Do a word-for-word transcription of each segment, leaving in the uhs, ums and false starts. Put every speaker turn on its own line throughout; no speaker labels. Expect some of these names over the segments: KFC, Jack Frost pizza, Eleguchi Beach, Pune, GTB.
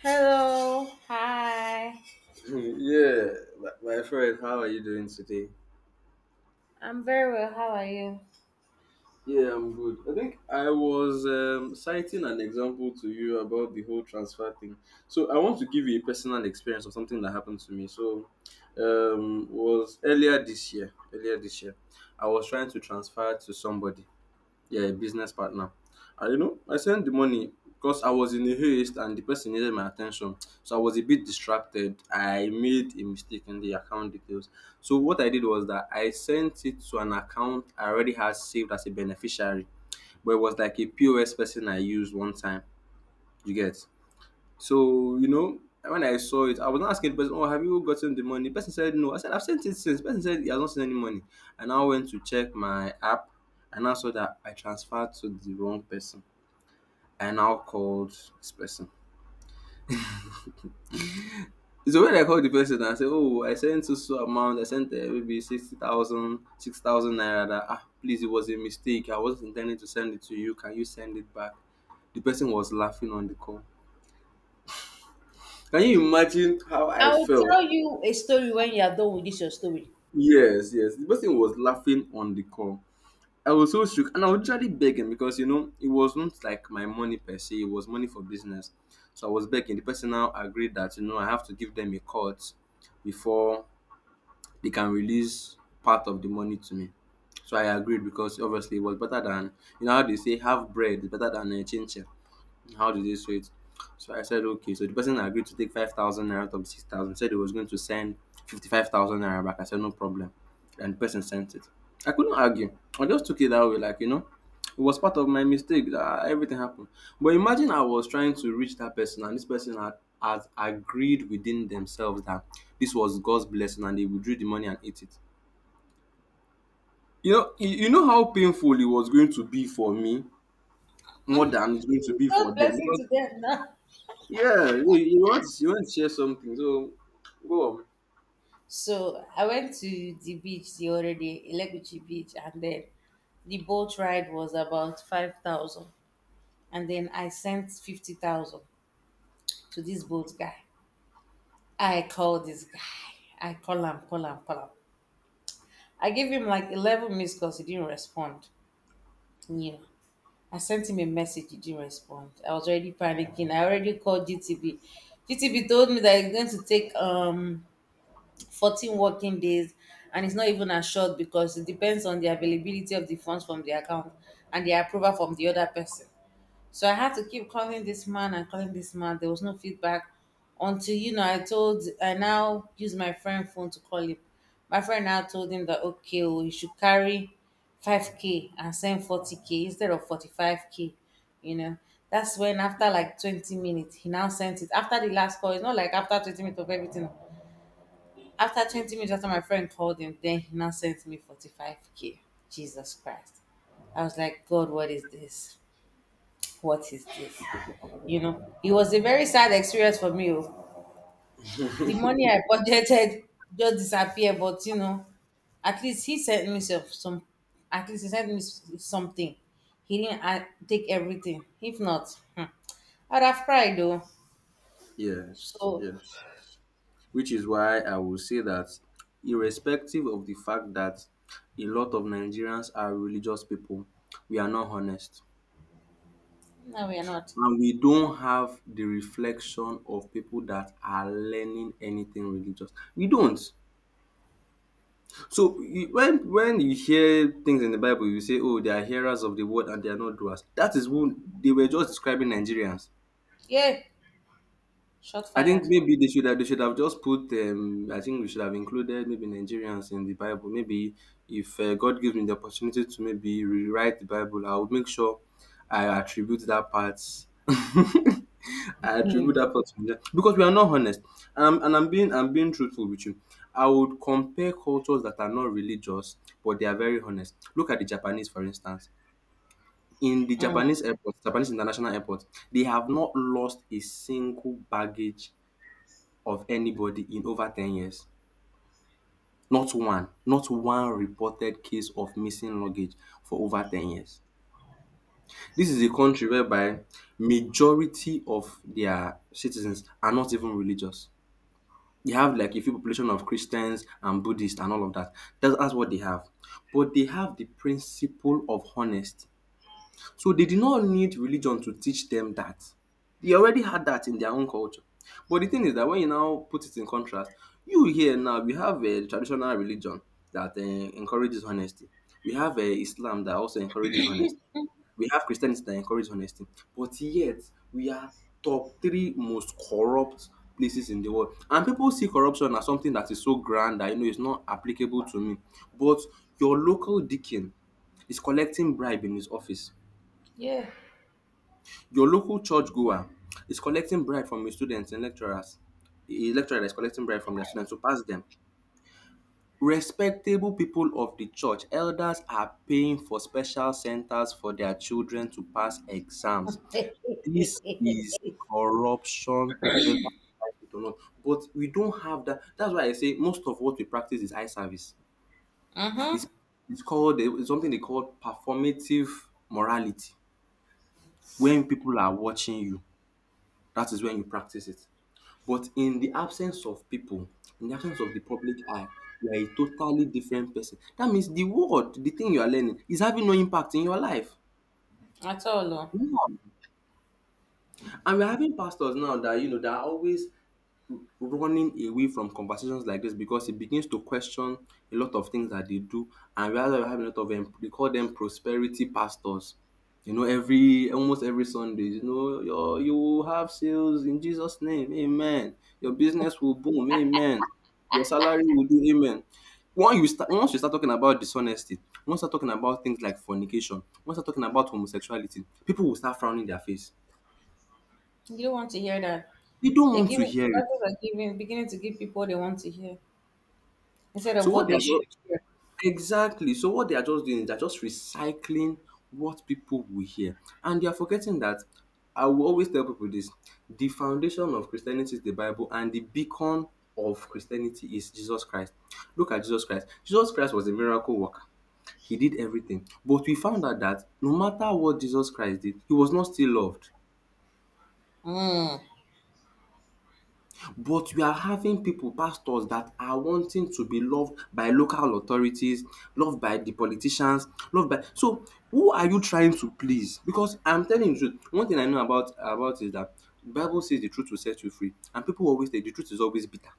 Hello. Hi.
Yeah, my my friend, how are you doing today?
I'm very well. How are you?
Yeah, I'm good. I think I was um, citing an example to you about the whole transfer thing. So I want to give you a personal experience of something that happened to me. So um, was earlier this year. Earlier this year, I was trying to transfer to somebody. Yeah, a business partner. And you know, I sent the money because I was in a haste and the person needed my attention. So I was a bit distracted. I made a mistake in the account details. So what I did was that I sent it to an account I already had saved as a beneficiary, but it was like a P O S person I used one time. You get? So, you know, when I saw it, I was not asking the person, "Oh, have you gotten the money?" The person said no. I said, "I've sent it since." The person said he has not sent any money. And I now went to check my app and I saw that I transferred to the wrong person. I now called this person. So when I called the person and I said, "Oh, I sent so so amount, I sent uh, maybe sixty thousand, six thousand naira. That, ah, please, it was a mistake. I wasn't intending to send it to you. Can you send it back?" The person was laughing on the call. Can you imagine how I
I will
felt?
tell you a story when you are done with this your story.
Yes, yes. The person was laughing on the call. I was so shook and I was literally begging because you know it was not like my money per se, it was money for business. So I was begging. The person now agreed that you know I have to give them a cut before they can release part of the money to me. So I agreed because obviously it was better than you know how they say half bread is better than a chin chin. How did they show it? So I said, okay. So the person agreed to take five thousand naira out of six thousand, said he was going to send fifty-five thousand naira back. I said, no problem. And the person sent it. I couldn't argue. I just took it that way, like, you know, it was part of my mistake that everything happened. But imagine I was trying to reach that person, and this person had, has agreed within themselves that this was God's blessing and they withdrew the money and ate it. You know, you you know how painful it was going to be for me more than it's going to be
God
for them.
blessing
Because
to them now.
yeah, you, you want you want to share something, so go on.
So I went to the beach the other day, Eleguchi Beach, and then the boat ride was about five thousand. And then I sent fifty thousand to this boat guy. I called this guy. I call him, call him, call him. I gave him like eleven missed calls. He didn't respond. Yeah. I sent him a message, he didn't respond. I was already panicking. I already called G T B. G T B told me that it's going to take um fourteen working days, and it's not even assured because it depends on the availability of the funds from the account and the approval from the other person. So I had to keep calling this man and calling this man. There was no feedback until, you know, I told, I now use my friend phone to call him. My friend now told him that, okay, oh, he should carry five K and send forty K instead of forty-five K, you know. That's when after like twenty minutes, he now sent it. After the last call, it's not like after twenty minutes of everything. After twenty minutes after my friend called him, then he now sent me forty-five K. Jesus Christ. I was like, God, what is this? What is this? You know it was a very sad experience for me, oh. The money I budgeted just disappeared, but you know at least he sent me some, some at least he sent me s- something. He didn't uh, take everything. If not, hmm, I'd have cried though.
Yes,
So.
yes. Which is why I will say that, irrespective of the fact that a lot of Nigerians are religious people, we are not honest,
No, we are not.
and we don't have the reflection of people that are learning anything religious. We don't. So you, when when you hear things in the Bible, you say, "Oh, they are hearers of the word and they are not doers." That is who they were just describing Nigerians.
Yeah. Shot
I think
fired.
maybe they should have they should have just put um I think we should have included maybe Nigerians in the Bible. Maybe if uh, God gives me the opportunity to maybe rewrite the Bible, I would make sure I attribute that part. I attribute
Hmm.
that part to Nigeria because we are not honest. Um, and I'm being I'm being truthful with you. I would compare cultures that are not religious but they are very honest. Look at the Japanese, for instance. In the
Hmm.
Japanese airport, Japanese international airport, they have not lost a single baggage of anybody in over ten years. Not one, not one reported case of missing luggage for over ten years. This is a country whereby majority of their citizens are not even religious. They have like a few population of Christians and Buddhists and all of that. That's dats what they have. But they have the principle of honesty. So they did not need religion to teach them that. They already had that in their own culture. But the thing is that when you now put it in contrast, you here now, we have a traditional religion that uh, encourages honesty. We have uh, Islam that also encourages honesty. We have Christianity that encourages honesty. But yet, we are top three most corrupt places in the world. And people see corruption as something that is so grand that, you know, it's not applicable to me. But your local deacon is collecting bribe in his office.
Yeah.
Your local church goer is collecting bribe from his students and lecturers. A lecturer is collecting bribe from their students to pass them. Respectable people of the church, elders are paying for special centers for their children to pass exams. This
Mm-hmm.
is corruption whether we like it or not. But we don't have that. That's why I say most of what we practice is eye service. It's it's called um something they call performative morality. When people are watching you, that is when you practice it. But in the absence of people, in the absence of the public eye, you are a totally different person. That means the word, the thing you are learning, is having no impact in your life.
At all, oh.
Yeah. And we're having pastors now that you know that are always running away from conversations like this because it begins to question a lot of things that they do, and rather we have a lot of them they call them prosperity pastors. You know every almost every Sunday, you know, your you will have sales in Jesus name amen, your business will boom amen, your salary will do amen. Once you start once you start talking about dishonesty, once you start talking about things like fornication, once you start talking about homosexuality, people will start frowning their face.
You don't want to hear that.
They don't
they're
want to
giving
hear it.
people are giving beginning to give people what they want to hear instead
So
of
what
what
they
they
are,
should hear.
exactly. So what they are just doing is they're just recycling what people will hear. And they are forgetting that I will always tell people this, the foundation of Christianity is the Bible, and the beacon of Christianity is Jesus Christ. Look at Jesus Christ. Jesus Christ was a miracle worker. He did everything. But we found out that no matter what Jesus Christ did, he was not still loved.
Mm.
But we are having people, pastors that are wanting to be loved by local authorities, loved by the politicians, loved by so who are you trying to please? Because I'm telling you the truth, one thing I know about about is that the Bible says the truth will set you free and people always say the truth is always bitter.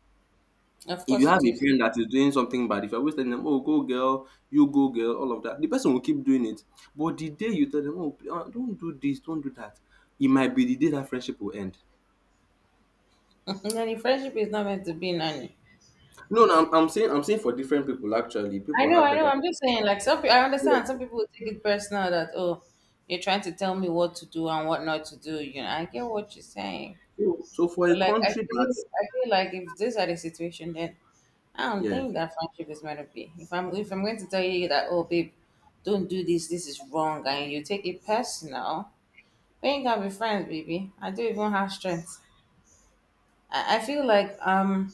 Of
If you
course
have
it
a
is.
friend that is doing something bad, if you're always telling them, "Oh, go girl, you go girl," all of that, the person will keep doing it. But the day you tell them, "Oh, pl- uh, don't do this, don't do that," it might be the day that friendship will end.
Nanny friendship is not meant to be nanny.
No, no, I'm, I'm saying I'm saying for different people actually.
I
People
know,
have
I know.
better.
I'm just saying, like, some. pe- I understand
Yeah.
some people will take it personal that, oh, you're trying to tell me what to do and what not to do. You know, I get what you're saying,
So, so for a
but, like, I
country
feel,
that
I feel like if these are the situation, then I don't
yeah
think that friendship is meant to be. If I'm, if I'm going to tell you that, oh, babe, don't do this. This is wrong, and you take it personal, we ain't gonna be friends, baby. I don't even have strength. I, I feel like um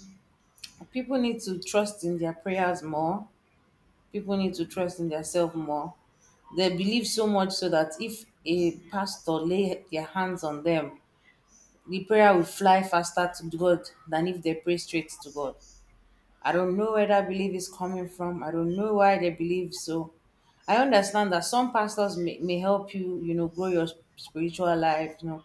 people need to trust in their prayers more. People need to trust in themselves more. They believe so much, so that if a pastor lay their hands on them, the prayer will fly faster to God than if they pray straight to God. I don't know where that belief is coming from. I don't know why they believe so. I understand that some pastors may, may help you, you know grow your spiritual life, you know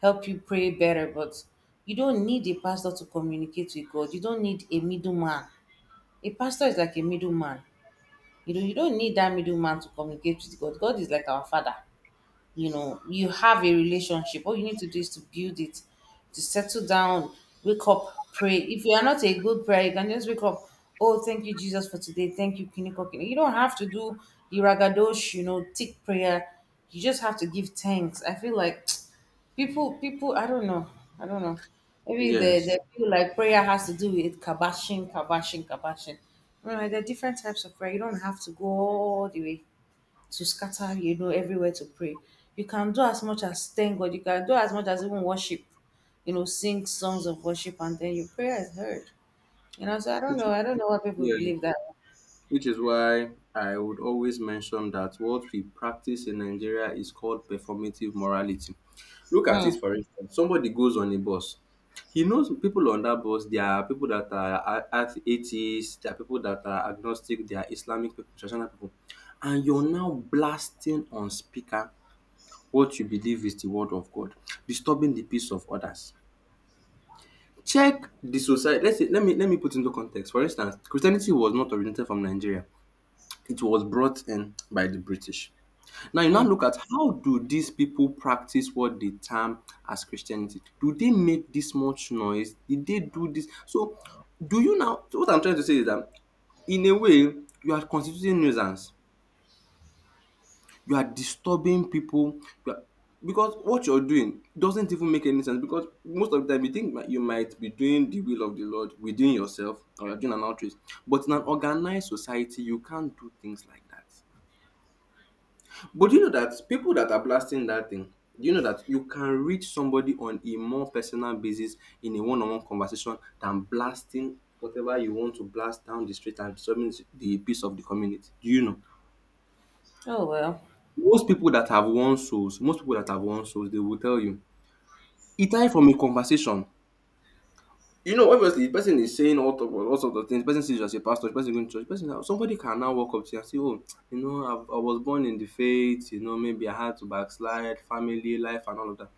help you pray better. But you don't need a pastor to communicate with God. You don't need a middleman. A pastor is like a middleman. You don you don't need that middleman to communicate with God. God is like our father. You know you have a relationship. All you need to do is to build it, to settle down. Wake up, pray. If you are not a good prayer, you can just wake up, oh, thank you Jesus for today, thank you kiniko Kiniko. You don't have to do the ragadosh, you know thick prayer. You just have to give thanks. I feel like people people, I don't know. I don't know. Maybe they,
yes
they feel like prayer has to do with kabashing kabashing kabashing. You know, there are different types of prayer. You don't have to go all the way to scatter, you know, everywhere to pray. You can do as much as thank God. You can do as much as even worship, you know, sing songs of worship, and then your prayer is heard. You know, so I don't
which,
know. I don't know why people
yeah
believe that.
which is why I would always mention that what we practice in Nigeria is called performative morality. Look at
Mm.
it for instance. Somebody goes on a bus. He knows people on that bus. There are people that are a- a- atheists. There are people that are agnostic. There are Islamic people, traditional people, and you're now blasting on speaker what you believe is the word of God, disturbing the peace of others. Check the society. Let's say, let me let me put into context. For instance, Christianity was not originated from Nigeria. It was brought in by the British. Now you now
Mm.
look at how do these people practice what they term as Christianity? Do they make this much noise? Did they do this? So do you now so what I'm trying to say is that in a way you are constituting nuisance, you are disturbing people, you are, because what you're doing doesn't even make any sense because most of the time you think that you might be doing the will of the Lord within yourself or you're doing an outreach. But in an organized society, you can't do things like that. But do you know that people that are blasting that thing, do you know that you can reach somebody on a more personal basis in a one-on-one conversation than blasting whatever you want to blast down the street and disturbing the peace of the community? Do you know?
Oh well,
Most people that have won souls most people that have won souls they will tell you it started from a conversation. You know, obviously the person is saying all of all sorts of things, the person sees you as a pastor, the person going to church, person somebody can now walk up to you and say, oh, you know, I I was born in the faith, you know, maybe I had to backslide, family, life and all of that.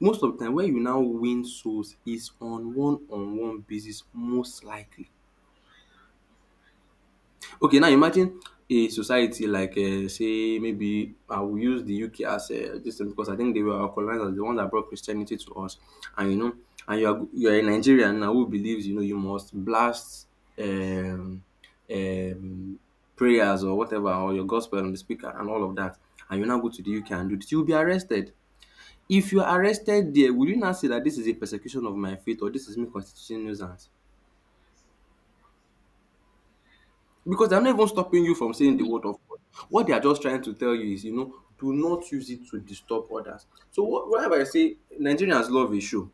Most of the time where you now win souls is on one on one basis, most likely. Okay, now imagine a society like um say maybe I will use the U K as um dis thing because I think they were our colonizers, the one that brought Christianity to us. And you know, and you are you are a Nigerian now who believes you know you must blast um um prayers or whatever or your gospel on the speaker and all of that, and you now go to the U K and do dis, you will be arrested. If you are arrested there, will you now say that this is a persecution of my faith or this is me constituting nuisance? Because they are not even stopping you from saying the word of God. What they are just trying to tell you is, you know, do not use it to disturb others. So wh- whenever I say Nigerians love a show,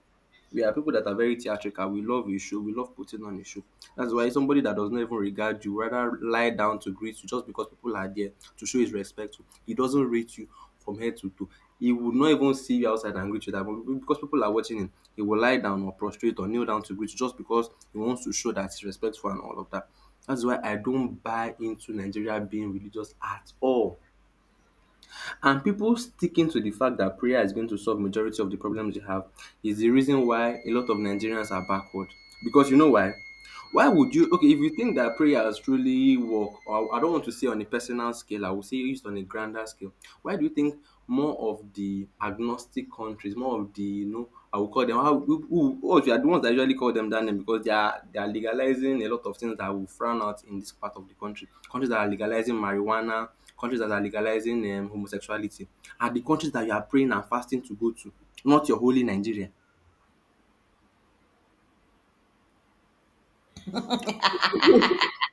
we are people that are very theatrical. We love a show. We love putting on a show. That's why somebody that does not even regard you rather lie down to greet you just because people are there to show his respect. He doesn't rate you from head to toe. He would not even see you outside and greet you that much because people are watching him. He will lie down or prostrate or kneel down to greet you just because he wants to show that he's respectful and all of that. That's why I don't buy into Nigeria being religious at all. And people sticking to the fact that prayer is going to solve majority of the problems they have is the reason why a lot of Nigerians are backward. Because you know why? Why would you? Okay, if you think that prayers truly work, or I don't want to say on a personal scale, I would say used on a grander scale. Why do you think more of the agnostic countries, more of the, you know, I would call them how, who, who, who are the ones that usually call them that name, because they are they are legalizing a lot of things that will frown out in this part of the country. Countries that are legalizing marijuana, countries that are legalizing um, homosexuality, are the countries that you are praying and fasting to go to, not your holy Nigeria. Yes.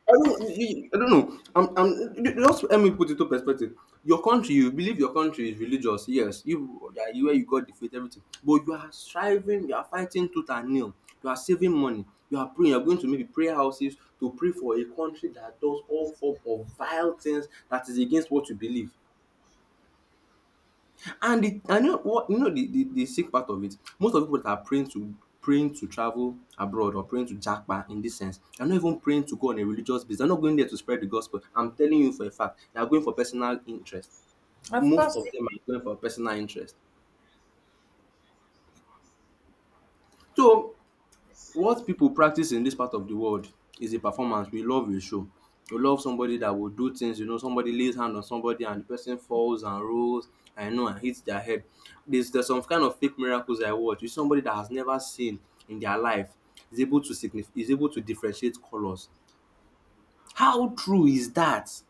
I don't, you- you- I don't know. I'm, I'm, just let me put it to perspective. Your country, you believe your country is religious, yes. You, yeah, you where you got the faith, everything. But you are striving, you are fighting tooth and nail. You are saving money. You are praying. You are going to maybe prayer houses to pray for a country that does all form of vile things that is against what you believe. And the and know what, you know, the the the sick part of it, most of the people that are praying to praying to travel abroad or praying to japa in this sense, they're not even praying to go on a religious basis. They're not going there to spread the gospel. I'm telling you for a fact, they are going for personal interest.
of
Most of
course.
them are going for personal interest. So what people practice in this part of the world is a performance. We love a show. We love somebody that will do things, you know, somebody lays hand on somebody and the person falls and rolls, I know, and hits their head. There's, there's some kind of fake miracles I watch. It's somebody that has never seen in their life is able to signif- is able to differentiate colors. How true is that?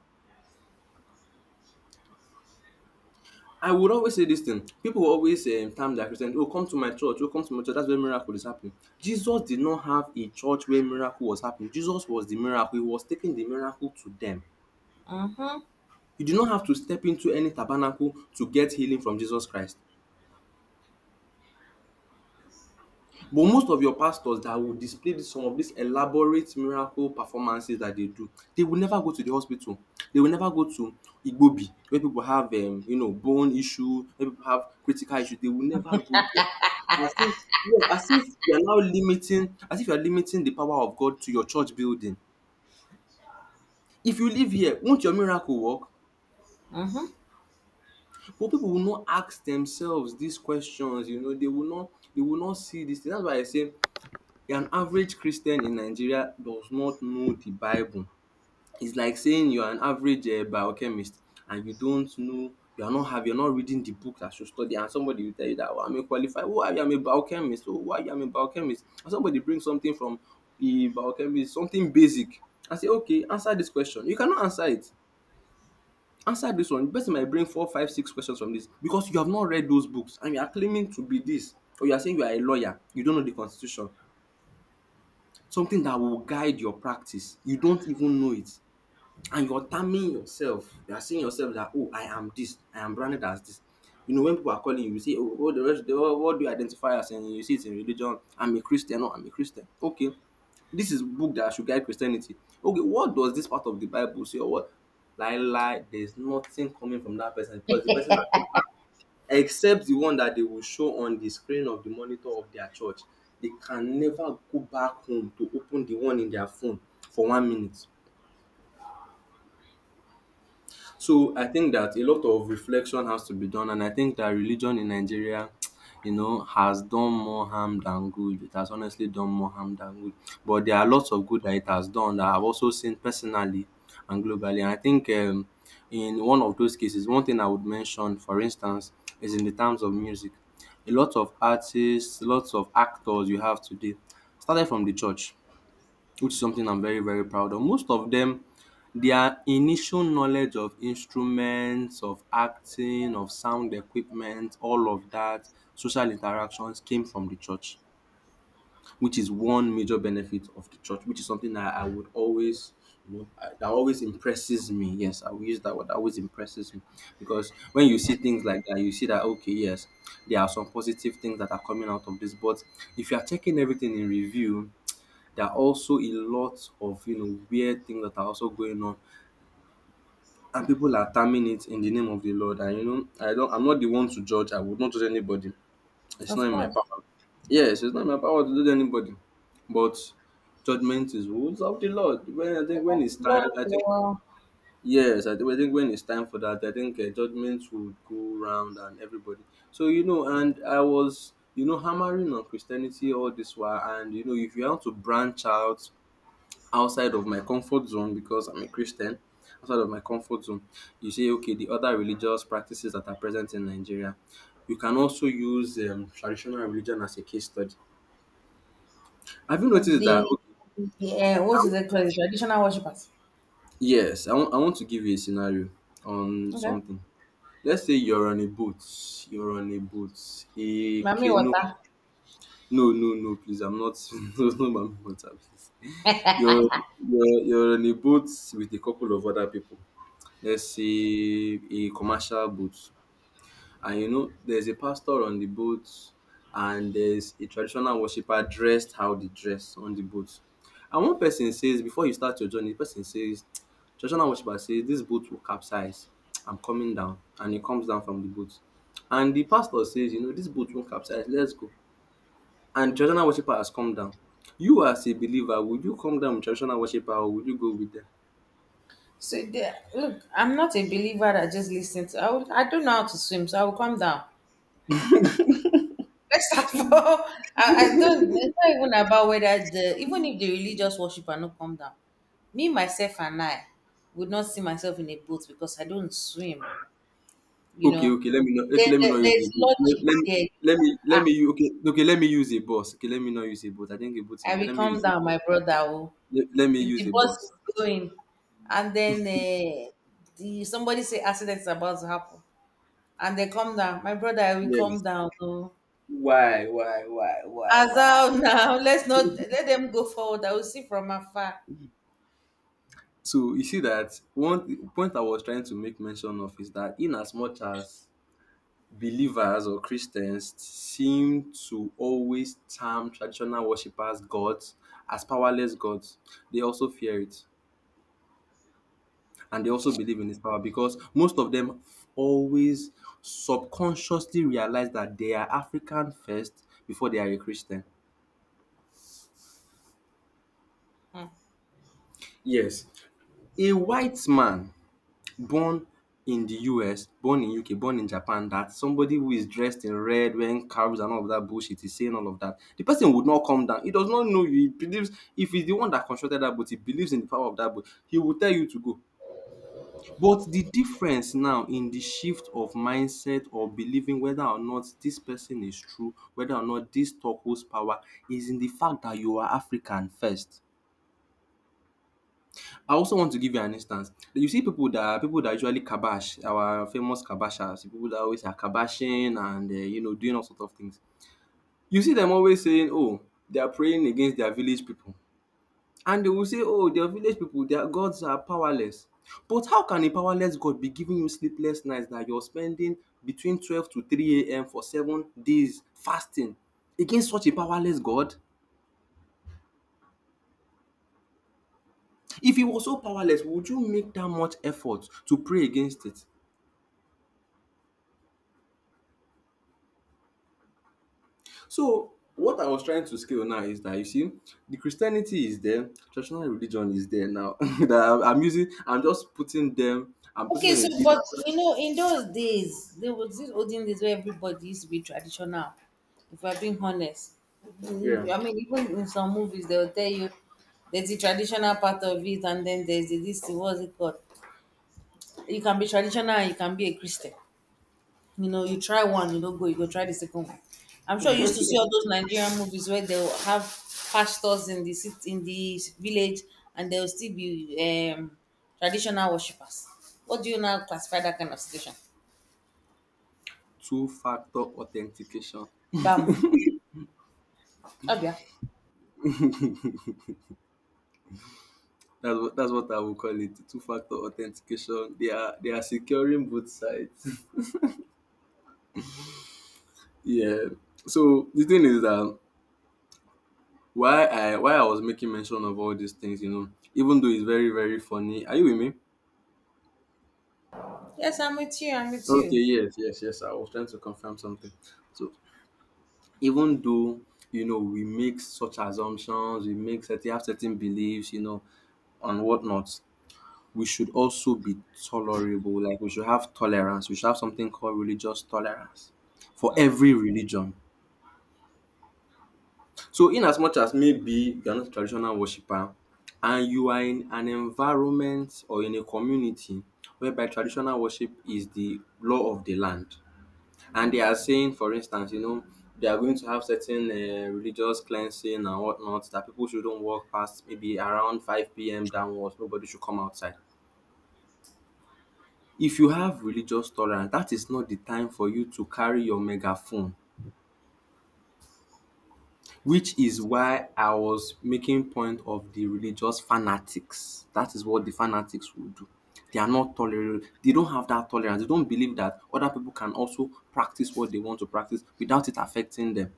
I would always say this thing. People will always um, term their Christian, oh, come to my church, oh, come to my church. That's where miracle is happening. Jesus did not have a church where miracle was happening. Jesus was the miracle. He was taking the miracle to them.
Mhm.
You do not have to step into any tabernacle to get healing from Jesus Christ. But most of your pastors that will display some of these elaborate miracle performances that they do, they will never go to the hospital. They will never go to Igbobi, where people have, um, you know, bone issue, where people have critical issues. They will never go there. As if yes, as if you are now limiting as if you are limiting the power of God to your church building. If you live here, won't your miracle work?
Mhm.
But people will not ask themselves these questions, you know, they will not they will not see this thing. That's why I say an average Christian in Nigeria does not know the Bible. It's like saying you are an average um biochemist and you don't know, you are not have you are not reading the book that should study, and somebody will tell you that, oh, I'm a qualified, oh, I am a biochemist, oh, why I am a biochemist, and somebody bring something from the biochemist, something basic, and say, okay, answer this question, you cannot answer it. Answer this one. The person might bring four five six questions from this because you have not read those books and you are claiming to be this. Or you are saying you are a lawyer, you don't know the constitution, something that will guide your practice, you don't even know it, and you're terming yourself. You are seeing yourself that, oh, I am this. I am branded as this. You know, when people are calling you, you say, oh, what, the rest, oh, what what do you identify as? And you see it in religion. I'm a Christian. No, I'm a Christian. Okay. This is book that should guide Christianity. Okay, what does this part of the Bible say? Or what? Lie, lie. There's nothing coming from that person because the person has never, except the one that they will show on the screen of the monitor of their church, they can never go back home to open the one in their phone for one minute. So I think that a lot of reflection has to be done, and I think that religion in Nigeria, you know, has done more harm than good. It has honestly done more harm than good. But there are lots of good that it has done that I've also seen personally and globally. And I think um, in one of those cases, one thing I would mention, for instance, is in the terms of music. A lot of artists, lots of actors you have today started from the church, which is something I'm very, very proud of. Most of them, their initial knowledge of instruments, of acting, of sound equipment, all of that, social interactions came from the church, which is one major benefit of the church, which is something that I would always, you know, I- that always impresses me. Yes, I will use that word. That always impresses me because when you see things like that, you see that, okay, yes, there are some positive things that are coming out of this. But if you are checking everything in review, there are also a lot of, you know, weird things that are also going on, and people are terming it in the name of the Lord. And you know, I don't. I'm not the one to judge. I would not judge anybody. It's not
Of
in my
course.
power. Yes, it's not in my power to judge anybody, but judgment is rules of the Lord. When I think when it's time,
But
I think
uh,
yes, I, think I think when it's time for that, I think uh, judgment would go round and everybody. So you know, and I was, you know, hammering on Christianity all this while, and you know, if you want to branch out outside of my comfort zone because I'm a Christian, outside of my comfort zone, you say, okay, the other religious practices that are present in Nigeria. You can also use um, traditional religion as a case study. Have you noticed that?
the,
Okay,
the uh,
I
what is
w-
it called? The traditional worshippers.
yes, I want I want to give you a scenario on
Okay.
something. Let's say you're on a boat, you're on a boat, a
Mami
canoe.
water.
No, no, no, please, I'm not. No, no, ma'am, water, please. You're, you're, you're on a boat with a couple of other people. Let's say a commercial boat. And you know, there's a pastor on the boat, and there's a traditional worshiper dressed how they dress on the boat. And one person says, before you start your journey, the person says, traditional worshiper says, this boat will capsize. I'm coming down. And he comes down from the boat. And the pastor says, you know, this boat won't capsize. Let's go. And traditional worshiper has come down. You as a believer, would you come down with traditional worshiper or would you go with them?
So the, look, I'm not a believer that just listen to. I, will, I don't know how to swim, so I will come down. First of all, I, I don't. It's not even about whether the even if the religious worshiper no come down, me myself and I would not see myself in a boat because I don't swim. You
Okay,
know,
okay. Let me not. Okay,
there,
let me
there,
not use a
there's
boat. Let,
logic
let me.
there.
Let me let
Ah,
me u- okay okay let me use a bus. Okay, let me not use a boat. I think a boat
I
is,
will
let me
come
use a
down,
bus,
my brother. Oh,
let, let me
if
use
the
a
bus
bus.
is going, and then uh, the somebody say accident is about to happen, and they come down, my brother, I will come
Yes.
down. Oh,
Why, why, why, why,
as
why?
out now, let's not let them go forward. I will see from afar.
So you see, that one point I was trying to make mention of is that, in as much as believers or Christians seem to always term traditional worshippers gods as powerless gods, they also fear it, and they also believe in this power, because most of them always subconsciously realize that they are African first before they are a Christian.
Hmm.
Yes. A white man born in the U S, born in U K, born in Japan, that somebody who is dressed in red, wearing cows and all of that bullshit, is saying all of that, the person would not come down. He does not know you. He believes, if he's the one that constructed that boat, he believes in the power of that boat. He will tell you to go. But the difference now in the shift of mindset, or believing whether or not this person is true, whether or not this talk holds power, is in the fact that you are African first. I also want to give you an instance. You see people that, people that usually kabash, our famous kabashers, people that always are kabashing and um you know doing all sort of things. You see them always saying, "Oh, they are praying against their village people." And they will say, oh, they're village people, their gods are powerless. But how can a powerless God be giving you sleepless nights, that you're spending between twelve to three a m for seven days fasting against such a powerless God? If he was so powerless, would you make that much effort to pray against it? So, what I was trying to scale now is that, you see, the Christianity is there, traditional religion is there now. That I'm using, I'm just putting them, I'm putting
Okay,
them
so,
a bit
but
under-
you know, in those days, there was this olden days where everybody used to be traditional. If we're being honest,
Yeah,
Mm, I mean, even in some movies, they'll tell you there's the traditional part of it, and then there's the, this, what's it called? You can be traditional and you can be a Christian. You know, you try one, you don't go, you go try the second one. I'm sure you used to see all those Nigerian movies where they'll have pastors in the city, in the village, and they'll still be um, traditional worshippers. What do you now classify that kind of situation?
two factor authentication.
Bam. Abia.
That's what that's what I would call it. Two factor authentication. They are they are securing both sides. Yeah. So the thing is that, why I why I was making mention of all these things, you know, even though it's very very funny. Are you with me?
Yes, I'm with you. I'm with
Okay.
you.
Yes. Yes. Yes. I was trying to confirm something. So, even though, you know, we make such assumptions, we make certain have certain beliefs, you know, and whatnot, we should also be tolerable. Like, we should have tolerance. We should have something called religious tolerance for
Mm.
every religion. So, in as much as maybe you're not a traditional worshiper, and you are in an environment or in a community whereby traditional worship is the law of the land, and they are saying, for instance, you know, they are going to have certain uh, religious cleansing and whatnot, that people shouldn't walk past maybe around five p m downwards, nobody should come outside. If you have religious tolerance, that is not the time for you to carry your megaphone, which is why I was making point of the religious fanatics. That is what the fanatics will do. They are not tolerant, they don't have that tolerance, they don't believe that other people can also practice what they want to practice without it affecting them,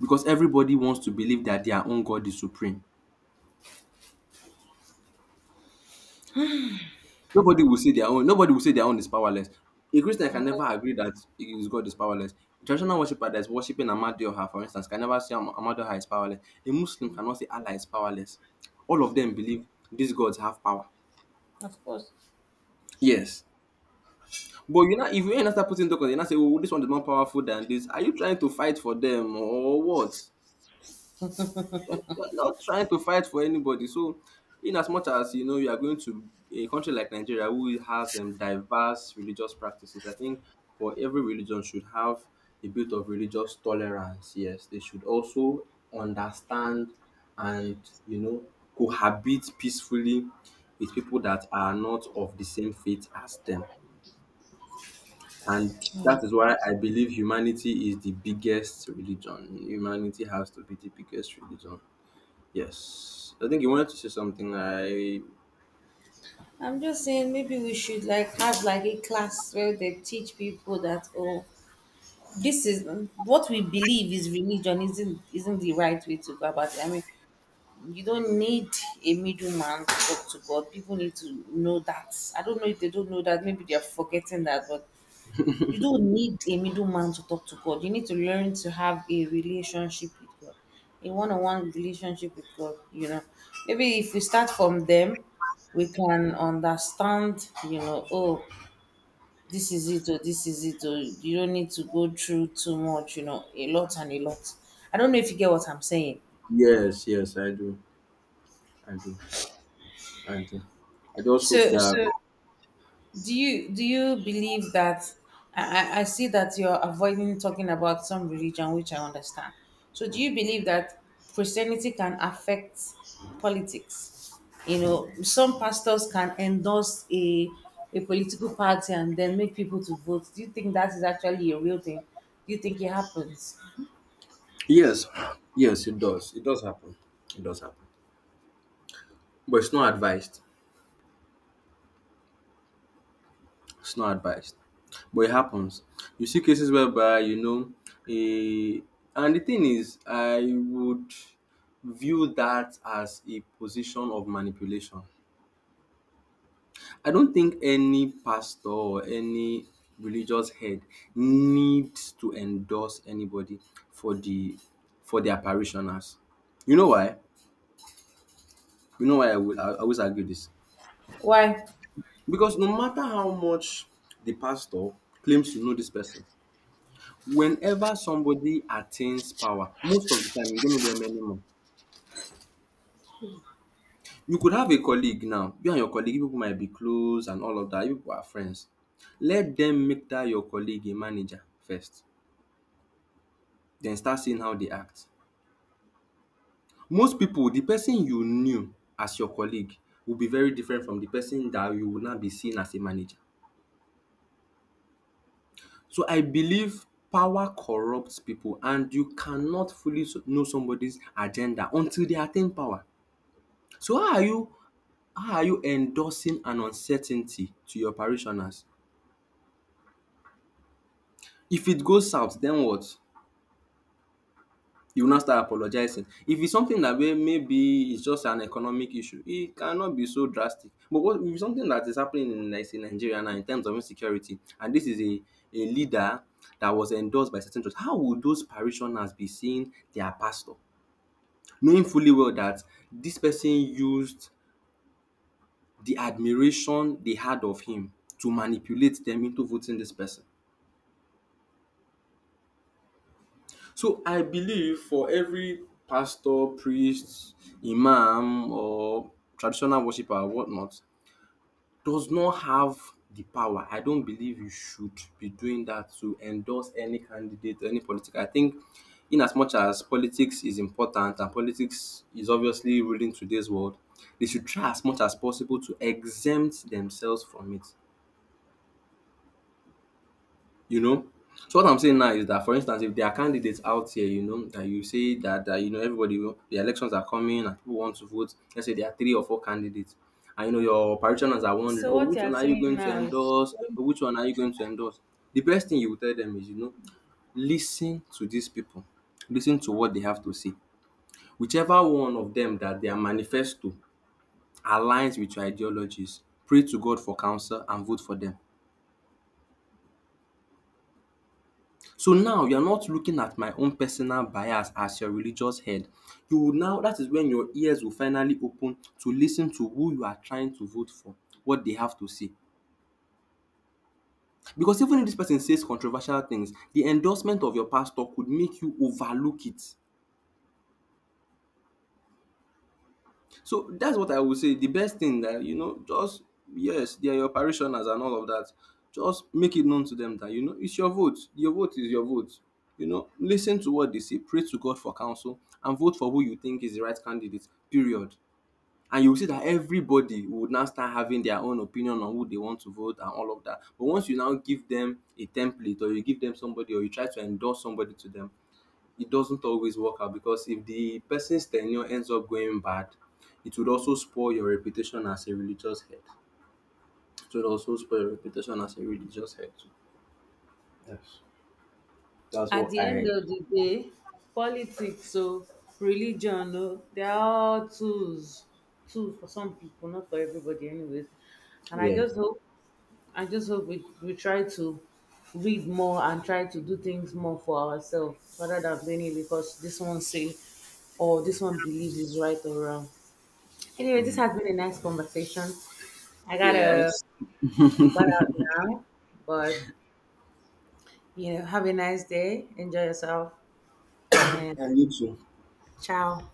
because everybody wants to believe that their own God is supreme. Nobody will say their own. Nobody will say their own is powerless. A Christian can
Of
never
course.
agree that his God is powerless. A traditional worshiper that's worshipping Amadioha, for instance, can never say Am- Amadioha is powerless. A Muslim cannot say Allah is powerless. All of them believe these gods have power.
Of course.
Yes. But you know, if you end up putting tokens, you not say, "Oh, this one is more powerful than this." Are you trying to fight for them or what? You're not trying to fight for anybody. So, in as much as, you know, you are going to a country like Nigeria, who has um, diverse religious practices, I think for every religion should have a bit of religious tolerance. Yes, they should also understand, and, you know, cohabit peacefully with people that are not of the same faith as them. And that is why I believe humanity is the biggest religion. Humanity has to be the biggest religion. Yes. I think you wanted to say something. I,
I'm just saying maybe we should, like, have, like, a class where they teach people that, oh, this is what we believe is religion isn't isn't the right way to go about it. I mean, you don't need a middleman to talk to God. People need to know that. I don't know if they don't know that. Maybe they are forgetting that, but you don't need a middleman to talk to God. You need to learn to have a relationship with God, a one-on-one relationship with God. You know, maybe if we start from them, we can understand. You know, oh, this is it, or this is it, or you don't need to go through too much. You know, a lot and a lot. I don't know if you get what I'm saying.
yes, yes, I do. I do. I do. I just hope
So,
that,
so do you do you believe that I, I I see that you're avoiding talking about some religion, which I understand. So do you believe that Christianity can affect politics? You know some pastors can endorse a a political party and then make people to vote. Do you think that is actually a real thing? Do you think it happens?
yes, yes, it does. It does happen. It does happen. But it's not advised. It's not advised. But it happens. You see cases whereby, you know, a, and the thing is, I would view that as a position of manipulation. I don't think any pastor or any religious head needs to endorse anybody for the, for their parishioners. You know why? You know why I would, I always argue this?
Why?
Because no matter how much the pastor claims to know this person, whenever somebody attains power, most of the time you don't know them anymore. You could have a colleague now. You and your colleague, you people might be close and all of that. You people are friends. Let them make that your colleague a manager first. Den start seeing how dey act. Most pipu, the person you knew as your colleague will be very different from the person that you will now be seeing as a manager. So I believe power corrupt pipu, and you cannot fully so- know somebody's agenda until they attain power. So how are you, how are you endorsing an uncertainty to your parishioners? If it goes south, den what? You will now start apologizing. If it's something that may, maybe it's just an economic issue, it cannot be so drastic. But what if it's something that is happening in, Ni- in Nigeria now, in terms of insecurity, and this is a, a leader that was endorsed by certain church, how would those parishioners be seeing their pastor, knowing fully well that this person used the admiration they had of him to manipulate them into voting this person? So I believe for every pastor, priest, imam, or traditional worshiper, or whatnot, does not have the power. I don't believe you should be doing that, to endorse any candidate, any political. I think, in as much as politics is important and politics is obviously ruling today's world, they should try as much as possible to exempt themselves from it. You know? So what I'm saying now is that, for instance, if there are candidates out here, you know, that you say that, that you know, everybody will, the elections are coming and people want to vote. Let's say there are three or four candidates, and you know your parishioners are wondering,
So
"Oh,
what
which
you are
one are you
saying
going to
now is,
endorse? Oh, which one are you going to endorse?" The best thing you will tell them is, you know, listen to these people. Listen to what they have to say. Whichever one of them that their manifesto aligns with your ideologies, pray to God for counsel and vote for them. So now you're not looking at my own personal bias as your religious head. You will now, that is when your ears will finally open to listen to who you are trying to vote for, what they have to say. Because even if this person says controversial things, the endorsement of your pastor could make you overlook it. So that's what I would say. The best thing that, you know, just, yes, they are your parishioners and all of that. Just make it known to them that, you know, it's your vote. Your vote is your vote. You know, listen to what they say, pray to God for counsel, and vote for who you think is the right candidate. Period. And you will see that everybody would now start having their own opinion on who they want to vote and all of that. But once you now give them a template, or you give them somebody, or you try to endorse somebody to them, it doesn't always work out, because if the person's tenure ends up going bad, it would also spoil your reputation as a religious head. It would also spoil your reputation as a religious head. Too. Yes. That's
at
what
the
I,
end of the day, politics or religion, oh, they are all tools, tools for some people, not for everybody, anyways. And I
yeah.
just hope, I just hope we, we try to read more and try to do things more for ourselves rather than blaming because this one say or this one believes is right or wrong. Anyway, this
Mm.
has been a nice conversation. I gotta
Yes.
butt out now, but you know, have a nice day, enjoy yourself, and
And you too.
ciao.